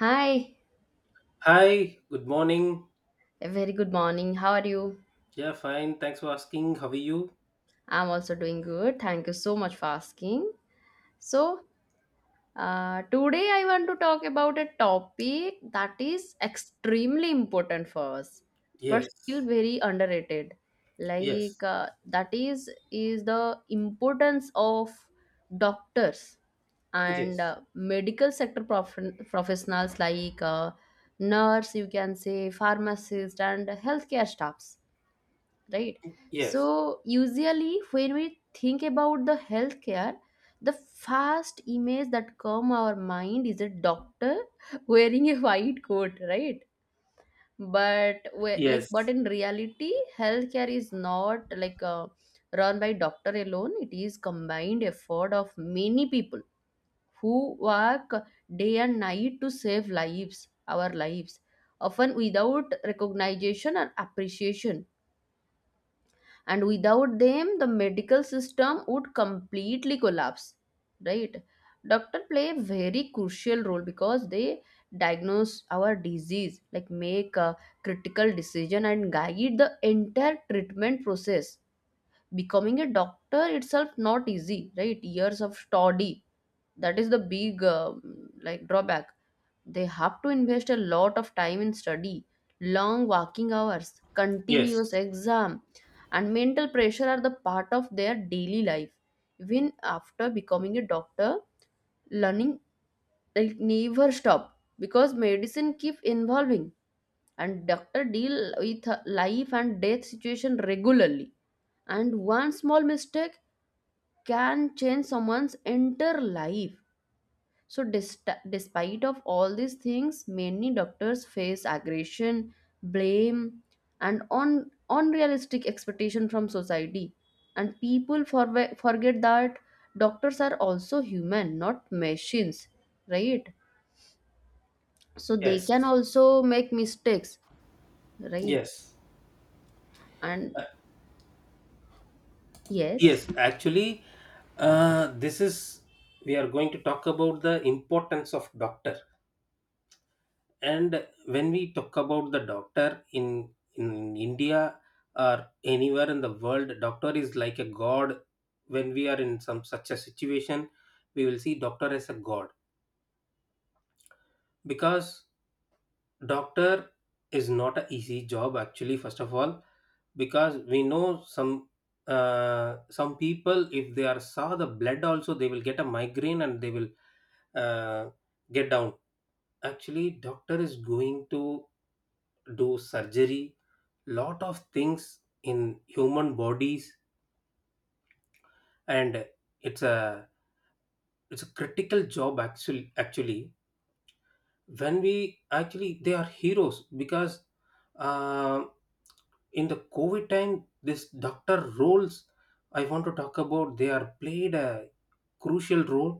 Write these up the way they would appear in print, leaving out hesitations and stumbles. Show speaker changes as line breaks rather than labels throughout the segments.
Hi,
Hi, good morning.
a very good morning. How are you?
Yeah, fine. Thanks for asking. How are you?
I'm also doing good. Thank you so much for asking. So, today I want to talk about a topic that is extremely important for us, but still
Yes,
very underrated. Like
yes,
that is the importance of doctors and
yes,
medical sector professionals like nurse, you can say pharmacist and healthcare staffs, right? So
yes,
usually when we think about the healthcare, the first image that come our mind is a doctor wearing a white coat, right? But
yes,
in reality, healthcare is not like run by doctor alone. It is combined effort of many people who work day and night to save lives, our lives, often without recognition or appreciation, and without them the medical system would completely collapse, right? Doctor play a very crucial role because they diagnose our disease, like make a critical decision and guide the entire treatment process. Becoming a doctor itself not easy, right? Years of study, that is the big drawback. They have to invest a lot of time in study, long working hours, continuous
yes,
exam, and mental pressure are the part of their daily life. Even after becoming a doctor, learning like never stop because medicine keep evolving, and doctor deal with life and death situation regularly, and one small mistake can change someone's entire life. So, despite of all these things, many doctors face aggression, blame, and on unrealistic expectation from society. And people forget that doctors are also human, not machines, right? So they
yes,
can also make mistakes, right?
yes,
And yes,
yes. Actually, this is we are going to talk about the importance of doctor. And when we talk about the doctor in India or anywhere in the world, doctor is like a god. When we are in some such a situation, we will see doctor as a god, because doctor is not an easy job actually, first of all. Because we know some people, if they are saw the blood also, they will get a migraine and they will, uh, get down. Actually, doctor is going to do surgery, lot of things in human bodies, and it's a it's a critical job, actually. When we Actually, they are heroes because, uh, in the covid time, this doctor roles I want to talk about, they are played a crucial role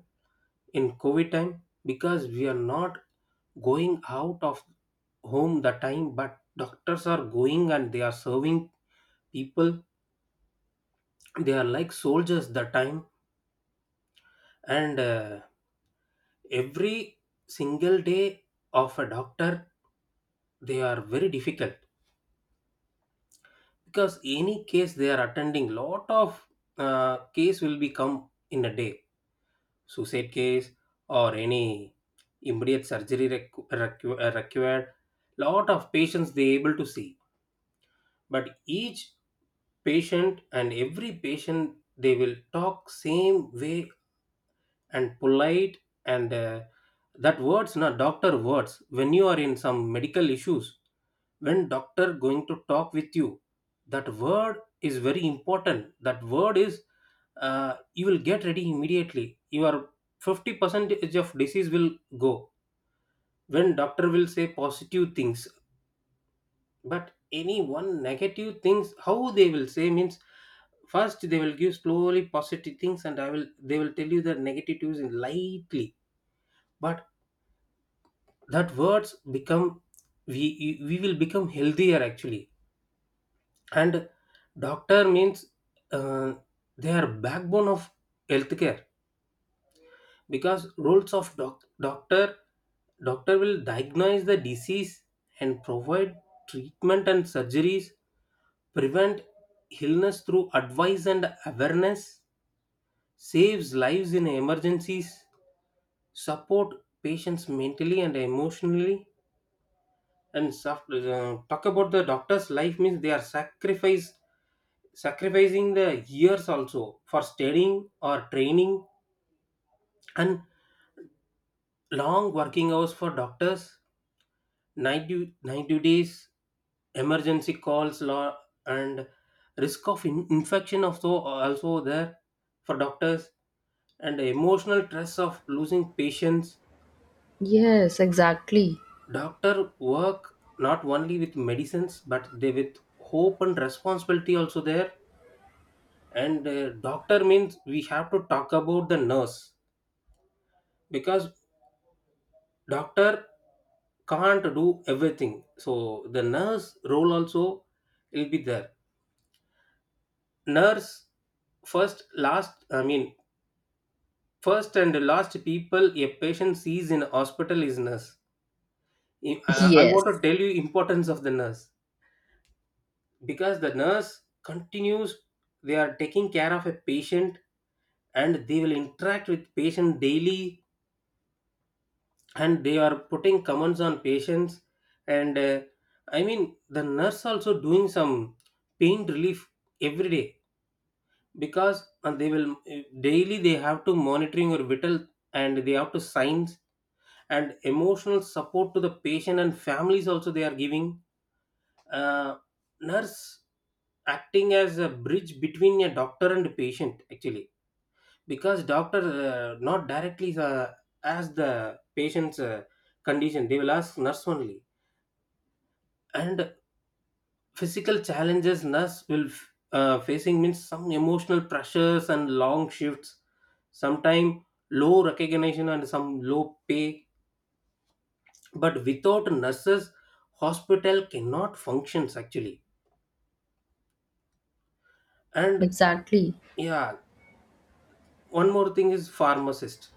in covid time, because we are not going out of home the time, but doctors are going and they are serving people. They are like soldiers the time. And every single day of a doctor, they are very difficult, because any case they are attending, lot of case will be come in a day. Suicide case, or any immediate surgery required, lot of patients they able to see, but each patient and every patient they will talk same way and polite. And that words, na, doctor words, when you are in some medical issues, when doctor going to talk with you, that word is very important. That word is, you will get ready immediately, your 50 percentage of disease will go when doctor will say positive things. But any one negative things, how they will say means, first they will give slowly positive things, and I will they will tell you the negatives in lightly. But that words become, we we will become healthier, actually. And doctor means, uh, they are backbone of healthcare. Because roles of doctor will diagnose the disease and provide treatment and surgeries, prevent illness through advice and awareness, saves lives in emergencies, support patients mentally and emotionally. And soft, talk about the doctor's life means, they are sacrifice sacrificing the years also for studying or training. And long working hours for doctors, night duties, emergency calls law, and risk of infection also there for doctors, and emotional stress of losing patients.
yes, exactly.
Doctor work not only with medicines, but they with hope and responsibility also there. And doctor means, we have to talk about the nurse, because doctor can't do everything, so the nurse role also will be there. Nurse, first last i mean first and last people a patient sees in hospital is nurse. I want
Yes,
to tell you importance of the nurse, because the nurse continues, they are taking care of a patient, and they will interact with patient daily, and they are putting comments on patients. And I mean, the nurse also doing some pain relief every day. Because, they will, daily they have to monitoring your vital, and they have to signs, and emotional support to the patient and families also they are giving. uh, nurse acting as a bridge between a doctor and patient, actually. Because doctor, not directly ask the patient's condition, they will ask nurse only. And physical challenges nurse will facing means, some emotional pressures and long shifts, sometime low recognition and some low pay. But without nurses, hospital cannot functions, actually. And
exactly.
yeah, one more thing is pharmacist.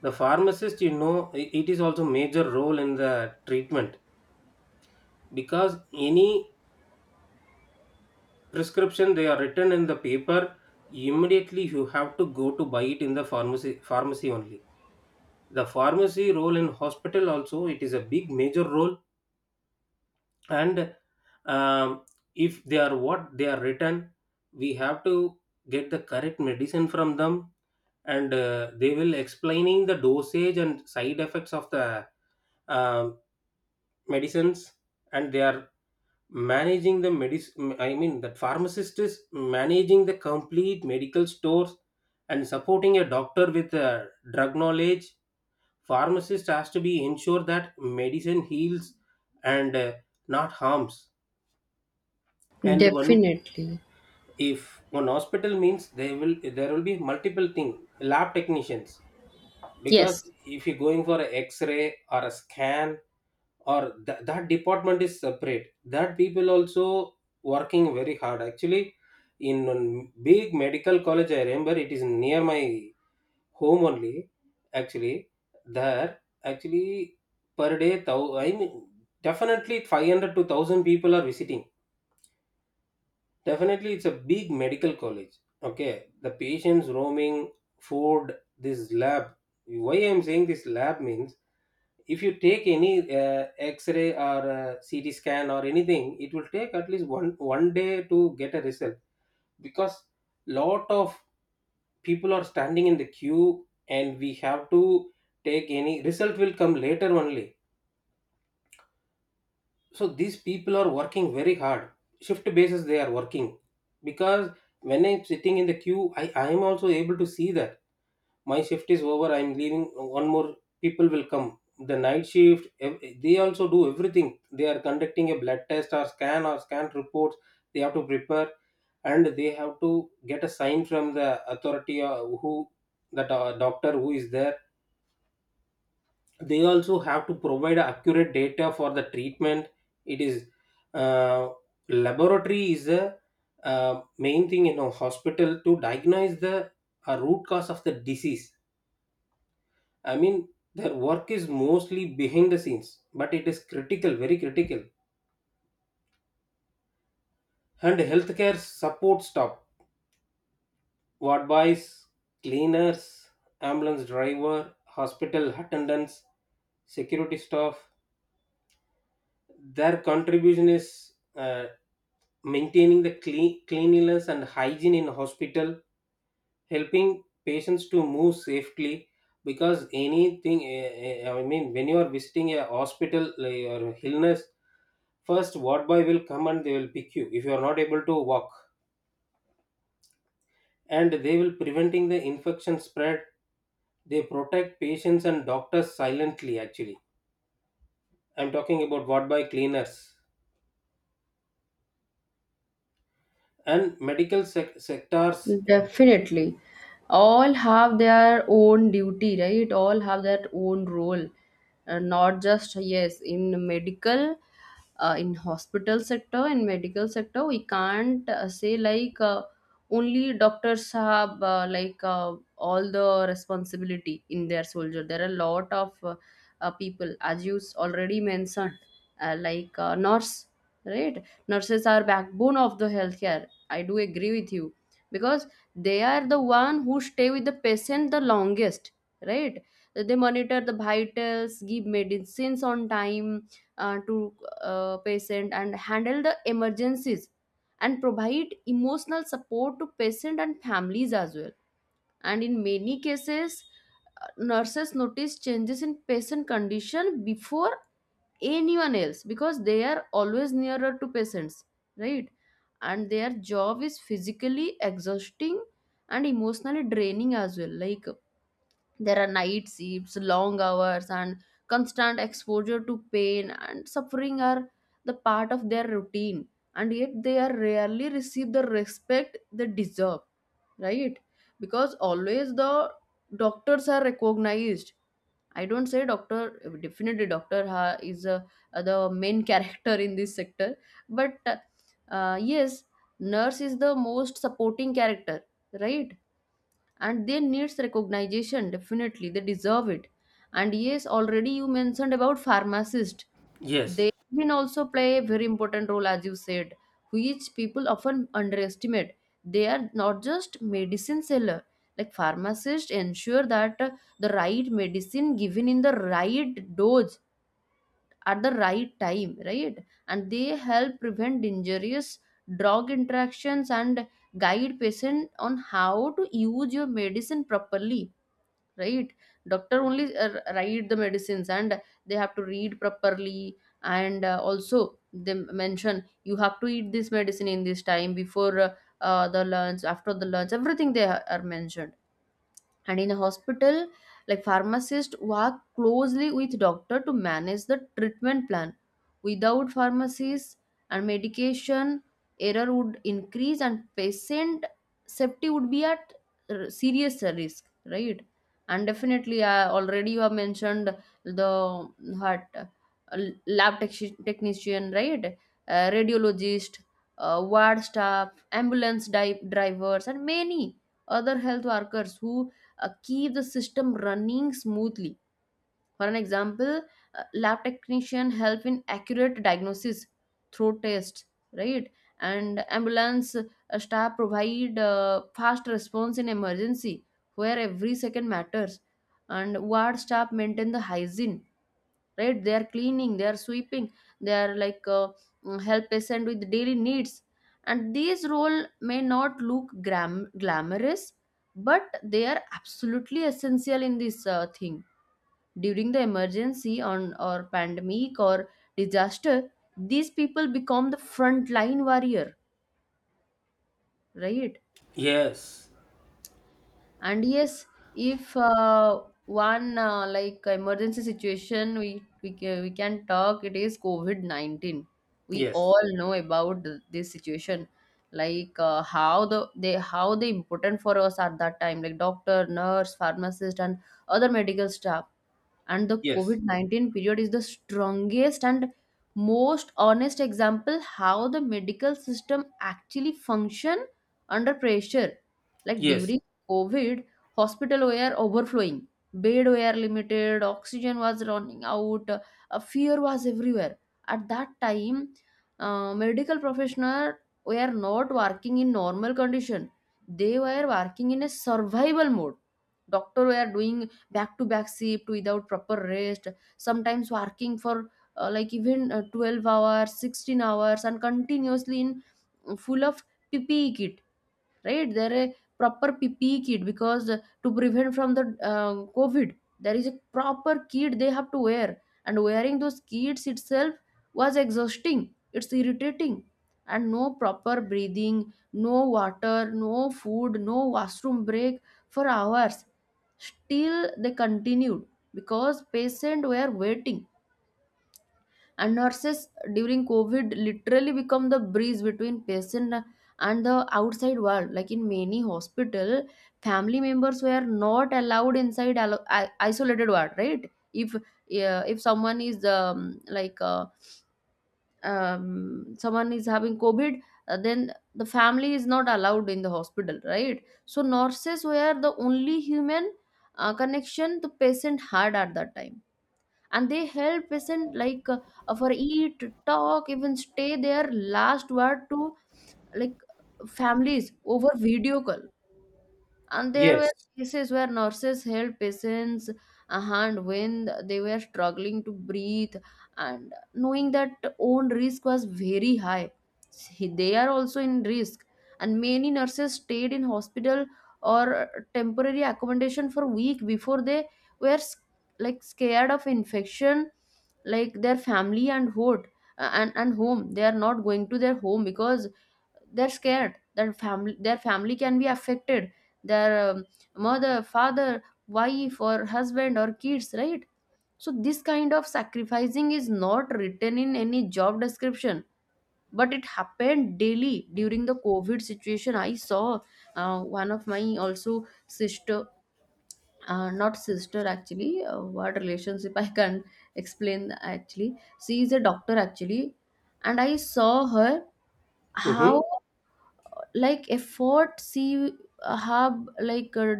The pharmacist, it is also major role in the treatment. Because any prescription they are written in the paper, immediately you have to go to buy it in the pharmacy, pharmacy only. The pharmacy role in hospital also, it is a big major role. And um, if they are what they are written, we have to get the correct medicine from them. And they will explaining the dosage and side effects of the um medicines. And they are managing the medicine, I mean the pharmacist is managing the complete medical stores, and supporting a doctor with drug knowledge. Pharmacist has to be ensure that medicine heals and, not harms. And one
Definitely.
if one hospital means, they will, there will be multiple thing, lab technicians. Because
Yes.
if you're going for an X-ray or a scan, or that department is separate. That people also working very hard, actually. In one big medical college, I remember, it is near my home only, actually. There, actually, per day, thou I mean, definitely 500 to 1000 people are visiting. Definitely, it's a big medical college. Okay, the patients roaming, food, this lab. Why I'm saying this lab means, if you take any X-ray or CT scan or anything, it will take at least one day to get a result, because lot of people are standing in the queue, and we have to take, any result will come later only. So these people are working very hard, shift basis they are working. Because when I'm sitting in the queue, I am also able to see that my shift is over, I'm leaving, one more people will come. The night shift, they also do everything. They are conducting a blood test or scan, or scan reports they have to prepare, and they have to get a sign from the authority, who, that doctor who is there. They also have to provide accurate data for the treatment. It is, uh, laboratory is the main thing in a hospital, to diagnose the root cause of the disease. I mean, their work is mostly behind the scenes, but it is critical, very critical. And healthcare support staff, ward boys, cleaners, ambulance driver, hospital attendants, security staff, their contribution is, maintaining the cleanliness and hygiene in hospital, helping patients to move safely. Because anything, I mean, when you are visiting a hospital, like, or illness, first ward boy will come and they will pick you if you are not able to walk. And they will preventing the infection spread, they protect patients and doctors silently, actually. I'm talking about ward boy, cleaners, and medical sectors.
Definitely. All have their own duty, right? All have their own role. Not just, yes, in medical, in hospital sector, in medical sector, we can't say like only doctors have all the responsibility in their soldier. There are a lot of people, as you already mentioned, nurse, right? Nurses are backbone of the healthcare. I do agree with you because they are the one who stay with the patient the longest, right? So, they monitor the vitals, give medicines on time to patient and handle the emergencies and provide emotional support to patient and families as well. And in many cases, nurses notice changes in patient condition before anyone else because they are always nearer to patients, right? And their job is physically exhausting and emotionally draining as well. Like, there are night shifts, long hours, and constant exposure to pain and suffering are the part of their routine, and yet they are rarely receive the respect they deserve, right? Because always the doctors are recognized. I don't say doctor, definitely doctor is the main character in this sector, but yes, nurse is the most supporting character, right? And they needs recognition, definitely they deserve it. And yes, already you mentioned about pharmacist.
Yes.
They can also play a very important role, as you said, which people often underestimate. They are not just medicine seller. Like, pharmacists ensure that the right medicine given in the right dose at the right time, right? And they help prevent dangerous drug interactions and guide patient on how to use your medicine properly, right? Doctor only write the medicines and they have to read properly, and also they mention you have to eat this medicine in this time, before the lunch, after the lunch, everything they are mentioned. And in a hospital, like, pharmacists work closely with doctor to manage the treatment plan. Without pharmacies and medication, error would increase and patient safety would be at serious risk, right? And definitely, already you have mentioned the heart, lab technician, right? Radiologist, ward staff, ambulance drivers, and many other health workers who keep the system running smoothly. For an example, lab technician help in accurate diagnosis through tests, right? And ambulance staff provide fast response in emergency where every second matters. And ward staff maintain the hygiene, right? They are cleaning, they are sweeping, they are help patient with daily needs. And these role may not look glamorous, but they are absolutely essential in this thing. During the emergency on, or pandemic or disaster, these people become the frontline warrior, right?
Yes.
And yes, if one like emergency situation, we can talk, it is covid-19. We
Yes.
all know about this situation, like how the they how they important for us at that time, like doctor, nurse, pharmacist, and other medical staff. And the
Yes.
covid-19 period is the strongest and most honest example how the medical system actually function under pressure. Like,
Yes.
during covid, hospital were overflowing, bed were limited, oxygen was running out, a fear was everywhere. At that time, medical professional were not working in normal condition, they were working in a survival mode. Doctor were doing back to back shift without proper rest, sometimes working for like even 12 hours, 16 hours, and continuously in full of ppe kit, right? There a proper ppe kit, because to prevent from the covid, there is a proper kit they have to wear, and wearing those kits itself was exhausting, it's irritating, and no proper breathing, no water, no food, no washroom break for hours. Still they continued, because patients were waiting. And nurses during covid literally become the breeze between patient and the outside world. Like, in many hospital, family members were not allowed inside isolated ward, right? If if someone is someone is having covid, then the family is not allowed in the hospital, right? So nurses were the only human connection the patient had at that time, and they help patient like for eat, talk, even stay their last word to, like, families over video call. And there were
Yes.
cases where nurses held patients' hand when they were struggling to breathe, and knowing that own risk was very high. See, they are also in risk. And many nurses stayed in hospital or temporary accommodation for week before they were like scared of infection, like their family and hood and home. They are not going to their home because they're scared that family their family can be affected, their mother, father, wife or husband or kids, right? So this kind of sacrificing is not written in any job description, but it happened daily during the covid situation. I saw one of my also sister, not sister actually, what relationship I can't explain actually. She is a doctor actually, and I saw her how,
Mm-hmm.
like, effort she have like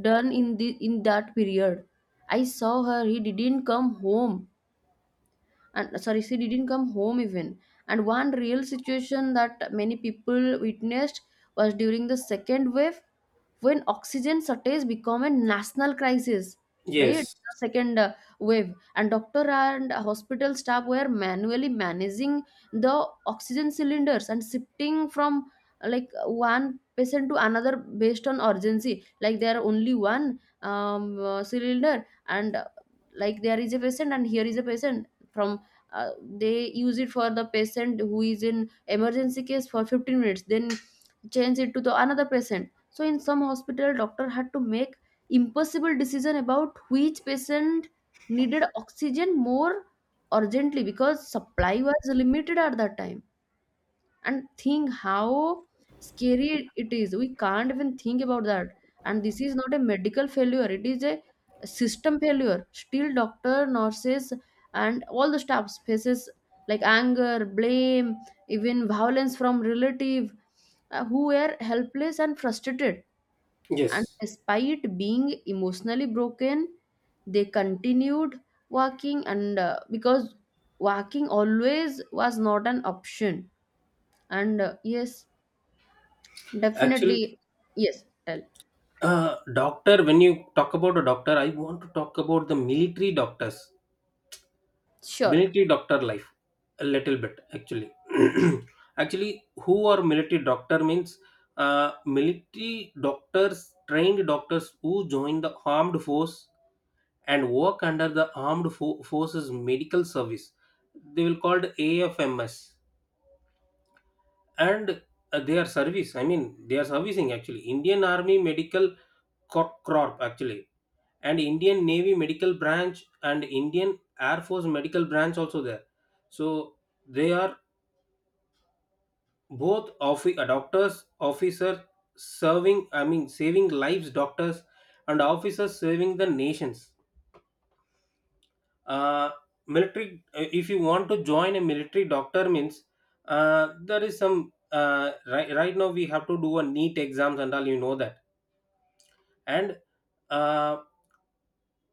done in the in that period. I saw her, he didn't come home, and sorry, she didn't come home even. And one real situation that many people witnessed was during the second wave, when oxygen shortage become a national crisis, right?
Yes.
The second wave. And doctor and hospital staff were manually managing the oxygen cylinders and shifting from like one patient to another based on urgency. Like, there are only one cylinder, and like there is a patient and here is a patient. From, uh, they use it for the patient who is in emergency case for 15 minutes, then change it to the another patient. So in some hospital, doctor had to make impossible decision about which patient needed oxygen more urgently, because supply was limited at that time. And think how scary it is, we can't even think about that. And this is not a medical failure, it is a system failure. Still doctor, nurses, and all the staffs faces, like, anger, blame, even violence from relative, who were helpless and frustrated. And
Yes.
despite being emotionally broken, they continued walking, and because walking always was not an option. And yes,
Actually,
definitely. Yes, tell.
doctor, when you talk about a doctor, I want to talk about the military doctors,
Sure.
military doctor life a little bit, actually. Actually, who are military doctor means, military doctors, trained doctors who join the armed force, and work under the armed forces medical service. They will called AFMS. And their service, I mean, they are servicing actually Indian Army Medical corp, actually, and Indian Navy medical branch and Indian Air Force medical branch also there. So they are both doctors, officers, serving, I mean saving lives, doctors and officers serving the nations. uh, military, if you want to join a military doctor means, there is some, right now we have to do a neat exams and all, you know that. And uh,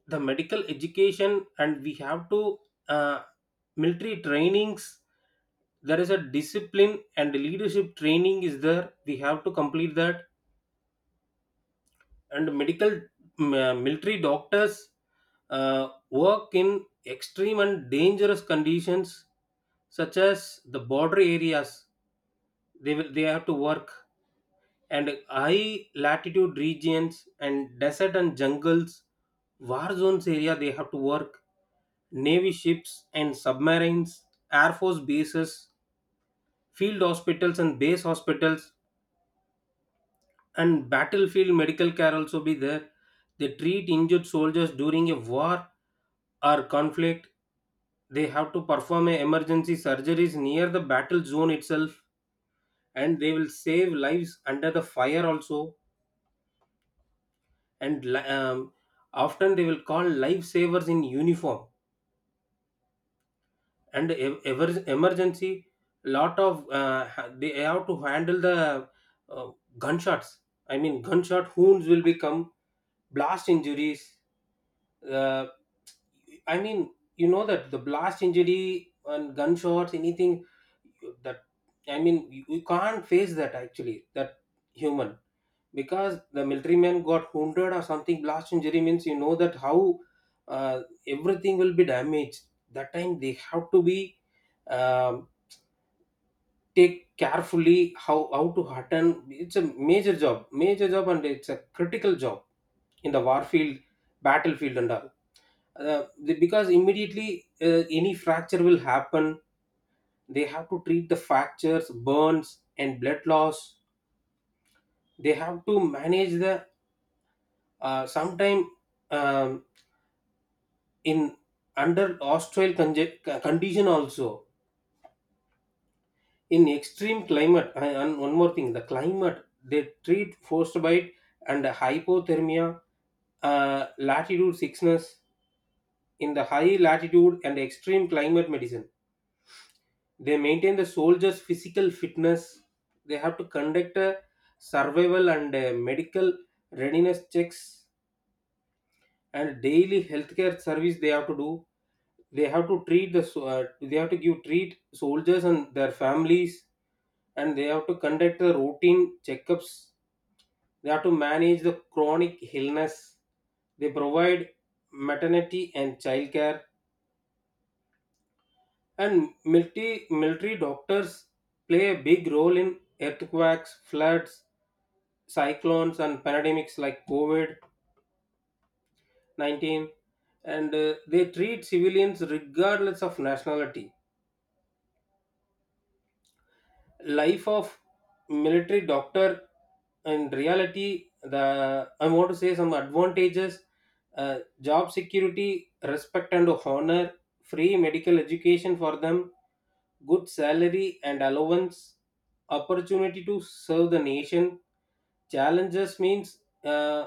the medical education, and we have to, uh, military trainings, there is a discipline and leadership training is there, we have to complete that. And medical, military doctors work in extreme and dangerous conditions, such as the border areas. They have to work, and high latitude regions and desert and jungles, war zones area they have to work, Navy ships and submarines, Air Force bases, field hospitals and base hospitals, and battlefield medical care also be there. They treat injured soldiers during a war or conflict. They have to perform a emergency surgeries near the battle zone itself, and they will save lives under the fire also. And often they will call lifesavers in uniform. And ever emergency, lot of they have to handle the, uh, gunshots, I mean gunshot wounds, will become blast injuries. uh, I mean, you know that the blast injury and gunshots anything, that, I mean, you can't face that, actually. That human, because the military man got wounded or something blast injury means, you know that how, everything will be damaged. That time, they have to be, um, take carefully, how to hearten. It's a major job, major job, and it's a critical job, in the war field, battlefield and all. Because immediately, any fracture will happen, they have to treat the fractures, burns and blood loss. They have to manage the, sometime, um, in under hostile condition also, in extreme climate. And one more thing, the climate, they treat frostbite and hypothermia, latitude sickness in the high latitude and extreme climate medicine. They maintain the soldiers' physical fitness. They have to conduct a survival and medical readiness checks, and daily healthcare service they have to do. They have to treat the, they have to give, treat soldiers and their families, and they have to conduct the routine checkups. They have to manage the chronic illness. They provide maternity and childcare. And military doctors play a big role in earthquakes, floods, cyclones, and pandemics like COVID-19. And they treat civilians regardless of nationality. Life of military doctor in reality, the I want to say some advantages: job security, respect and honor, free medical education for them, good salary and allowance, opportunity to serve the nation. Challenges means, uh,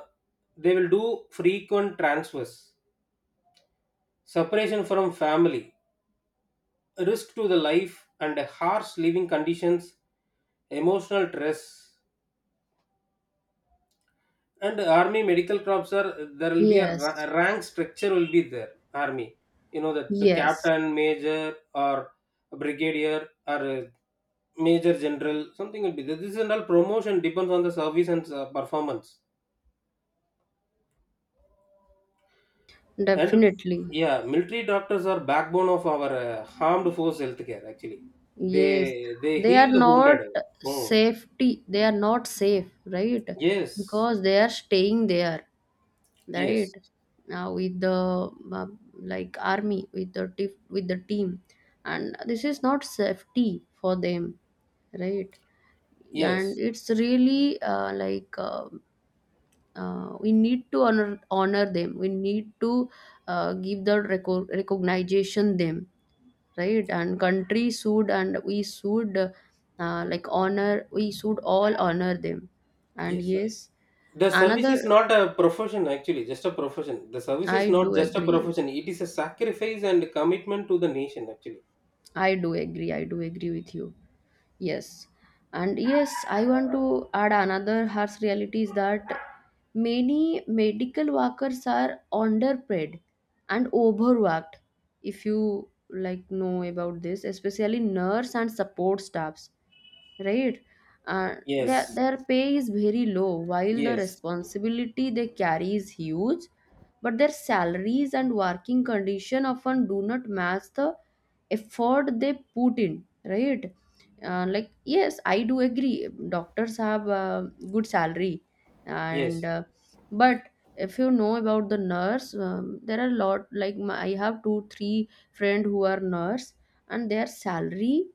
they will do frequent transfers, separation from family, risk to the life and harsh living conditions, emotional stress. And army medical crops are, there will be a,
Yes.
rank structure will be there. Army, you know that the
Yes,
captain, major, or brigadier, or major general, something will be there. This is all promotion depends on the service and, performance. And
definitely.
yeah, military doctors are backbone of our armed force healthcare. Actually,
Yes,
they
they are
heal the
not
wounded. Hmm.
safety, they are not safe, right?
Yes,
Because they are staying there, right,
yes,
now with the like army, with the with the team, and this is not safety for them, right? And
yes,
it's really we need to honor them, we need to give the recognition them, right? And country should, and we should like honor, we should all honor them. And
yes.
yes,
The service
another.
is not a profession, actually, just a profession. The service is
I do
not just a
agree.
profession, it is a sacrifice and commitment to the nation, actually.
I do agree. I do agree with you. Yes. And yes, I want to add another harsh reality is that many medical workers are underpaid and overworked. If you like know about this, especially nurse and support staffs, right? uh, their,
Yes,
their pay is very low, while the
yes,
responsibility they carry is huge, but their salaries and working condition often do not match the effort they put in, right? Like, yes, I do agree doctors have a good salary and
yes,
but if you know about the nurse, there are a lot, like I have two three friend who are nurse, and their salary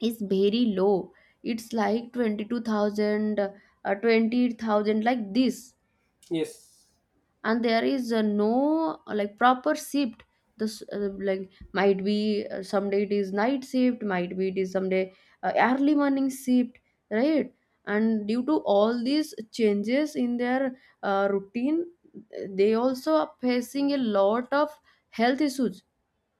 is very low, it's like 22,000, 20,000, like this.
yes,
And there is no like proper shift. This like might be, someday it is night shift, might be it is someday early morning shift, right? And due to all these changes in their routine, they also are facing a lot of health issues.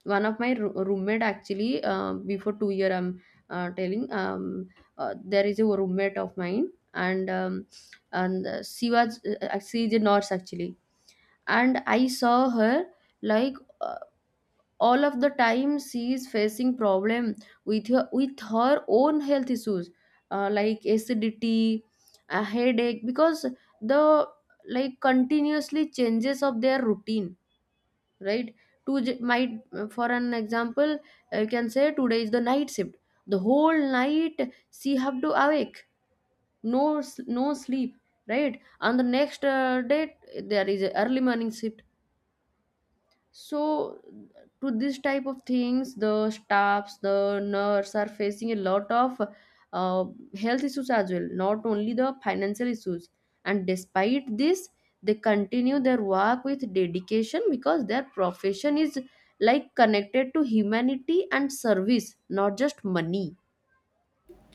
One of my roommate actually, before 2-year I'm telling, there is a roommate of mine, and she was she is a nurse actually. And I saw her, like uh, all of the time she is facing problem with her own health issues, like acidity, a headache, because the, like, continuously changes of their routine, right? to j- might For an example, you can say today is the night shift, the whole night she have to awake, no no sleep, right? On the next day, there is a early morning shift. So, to this type of things, the staffs, the nurse are facing a lot of uh, health issues as well, not only the financial issues. And despite this, they continue their work with dedication, because their profession is, like, connected to humanity and service, not just money.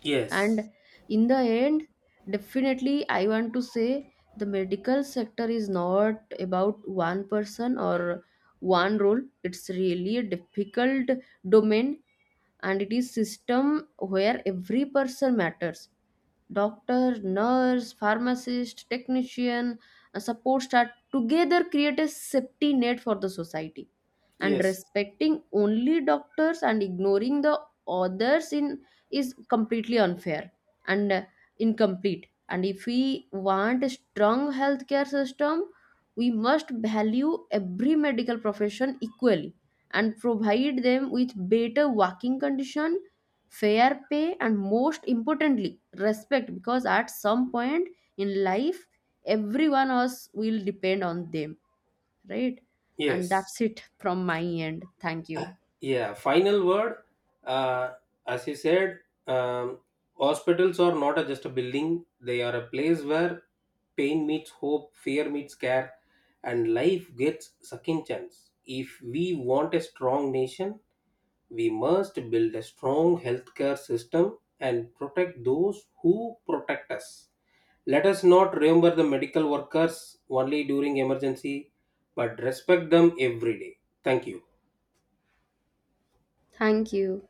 yes,
And in the end, definitely I want to say the medical sector is not about one person or one role. It's really a difficult domain, and it is system where every person matters. Doctor, nurse, pharmacist, technician, a support staff together create a safety net for the society. And
yes,
respecting only doctors and ignoring the others in is completely unfair and incomplete. And if we want a strong healthcare system, we must value every medical profession equally and provide them with better working condition, fair pay, and most importantly respect, because at some point in life everyone else will depend on them, right? And
yes.
that's it from my end. Thank
Uh,
you.
Yeah, final word. Uh, as you said, um, hospitals are not just a building, they are a place where pain meets hope, fear meets care, and life gets second chance. If we want a strong nation, we must build a strong healthcare system and protect those who protect us. Let us not remember the medical workers only during emergency, but respect them every day. Thank you.
Thank you.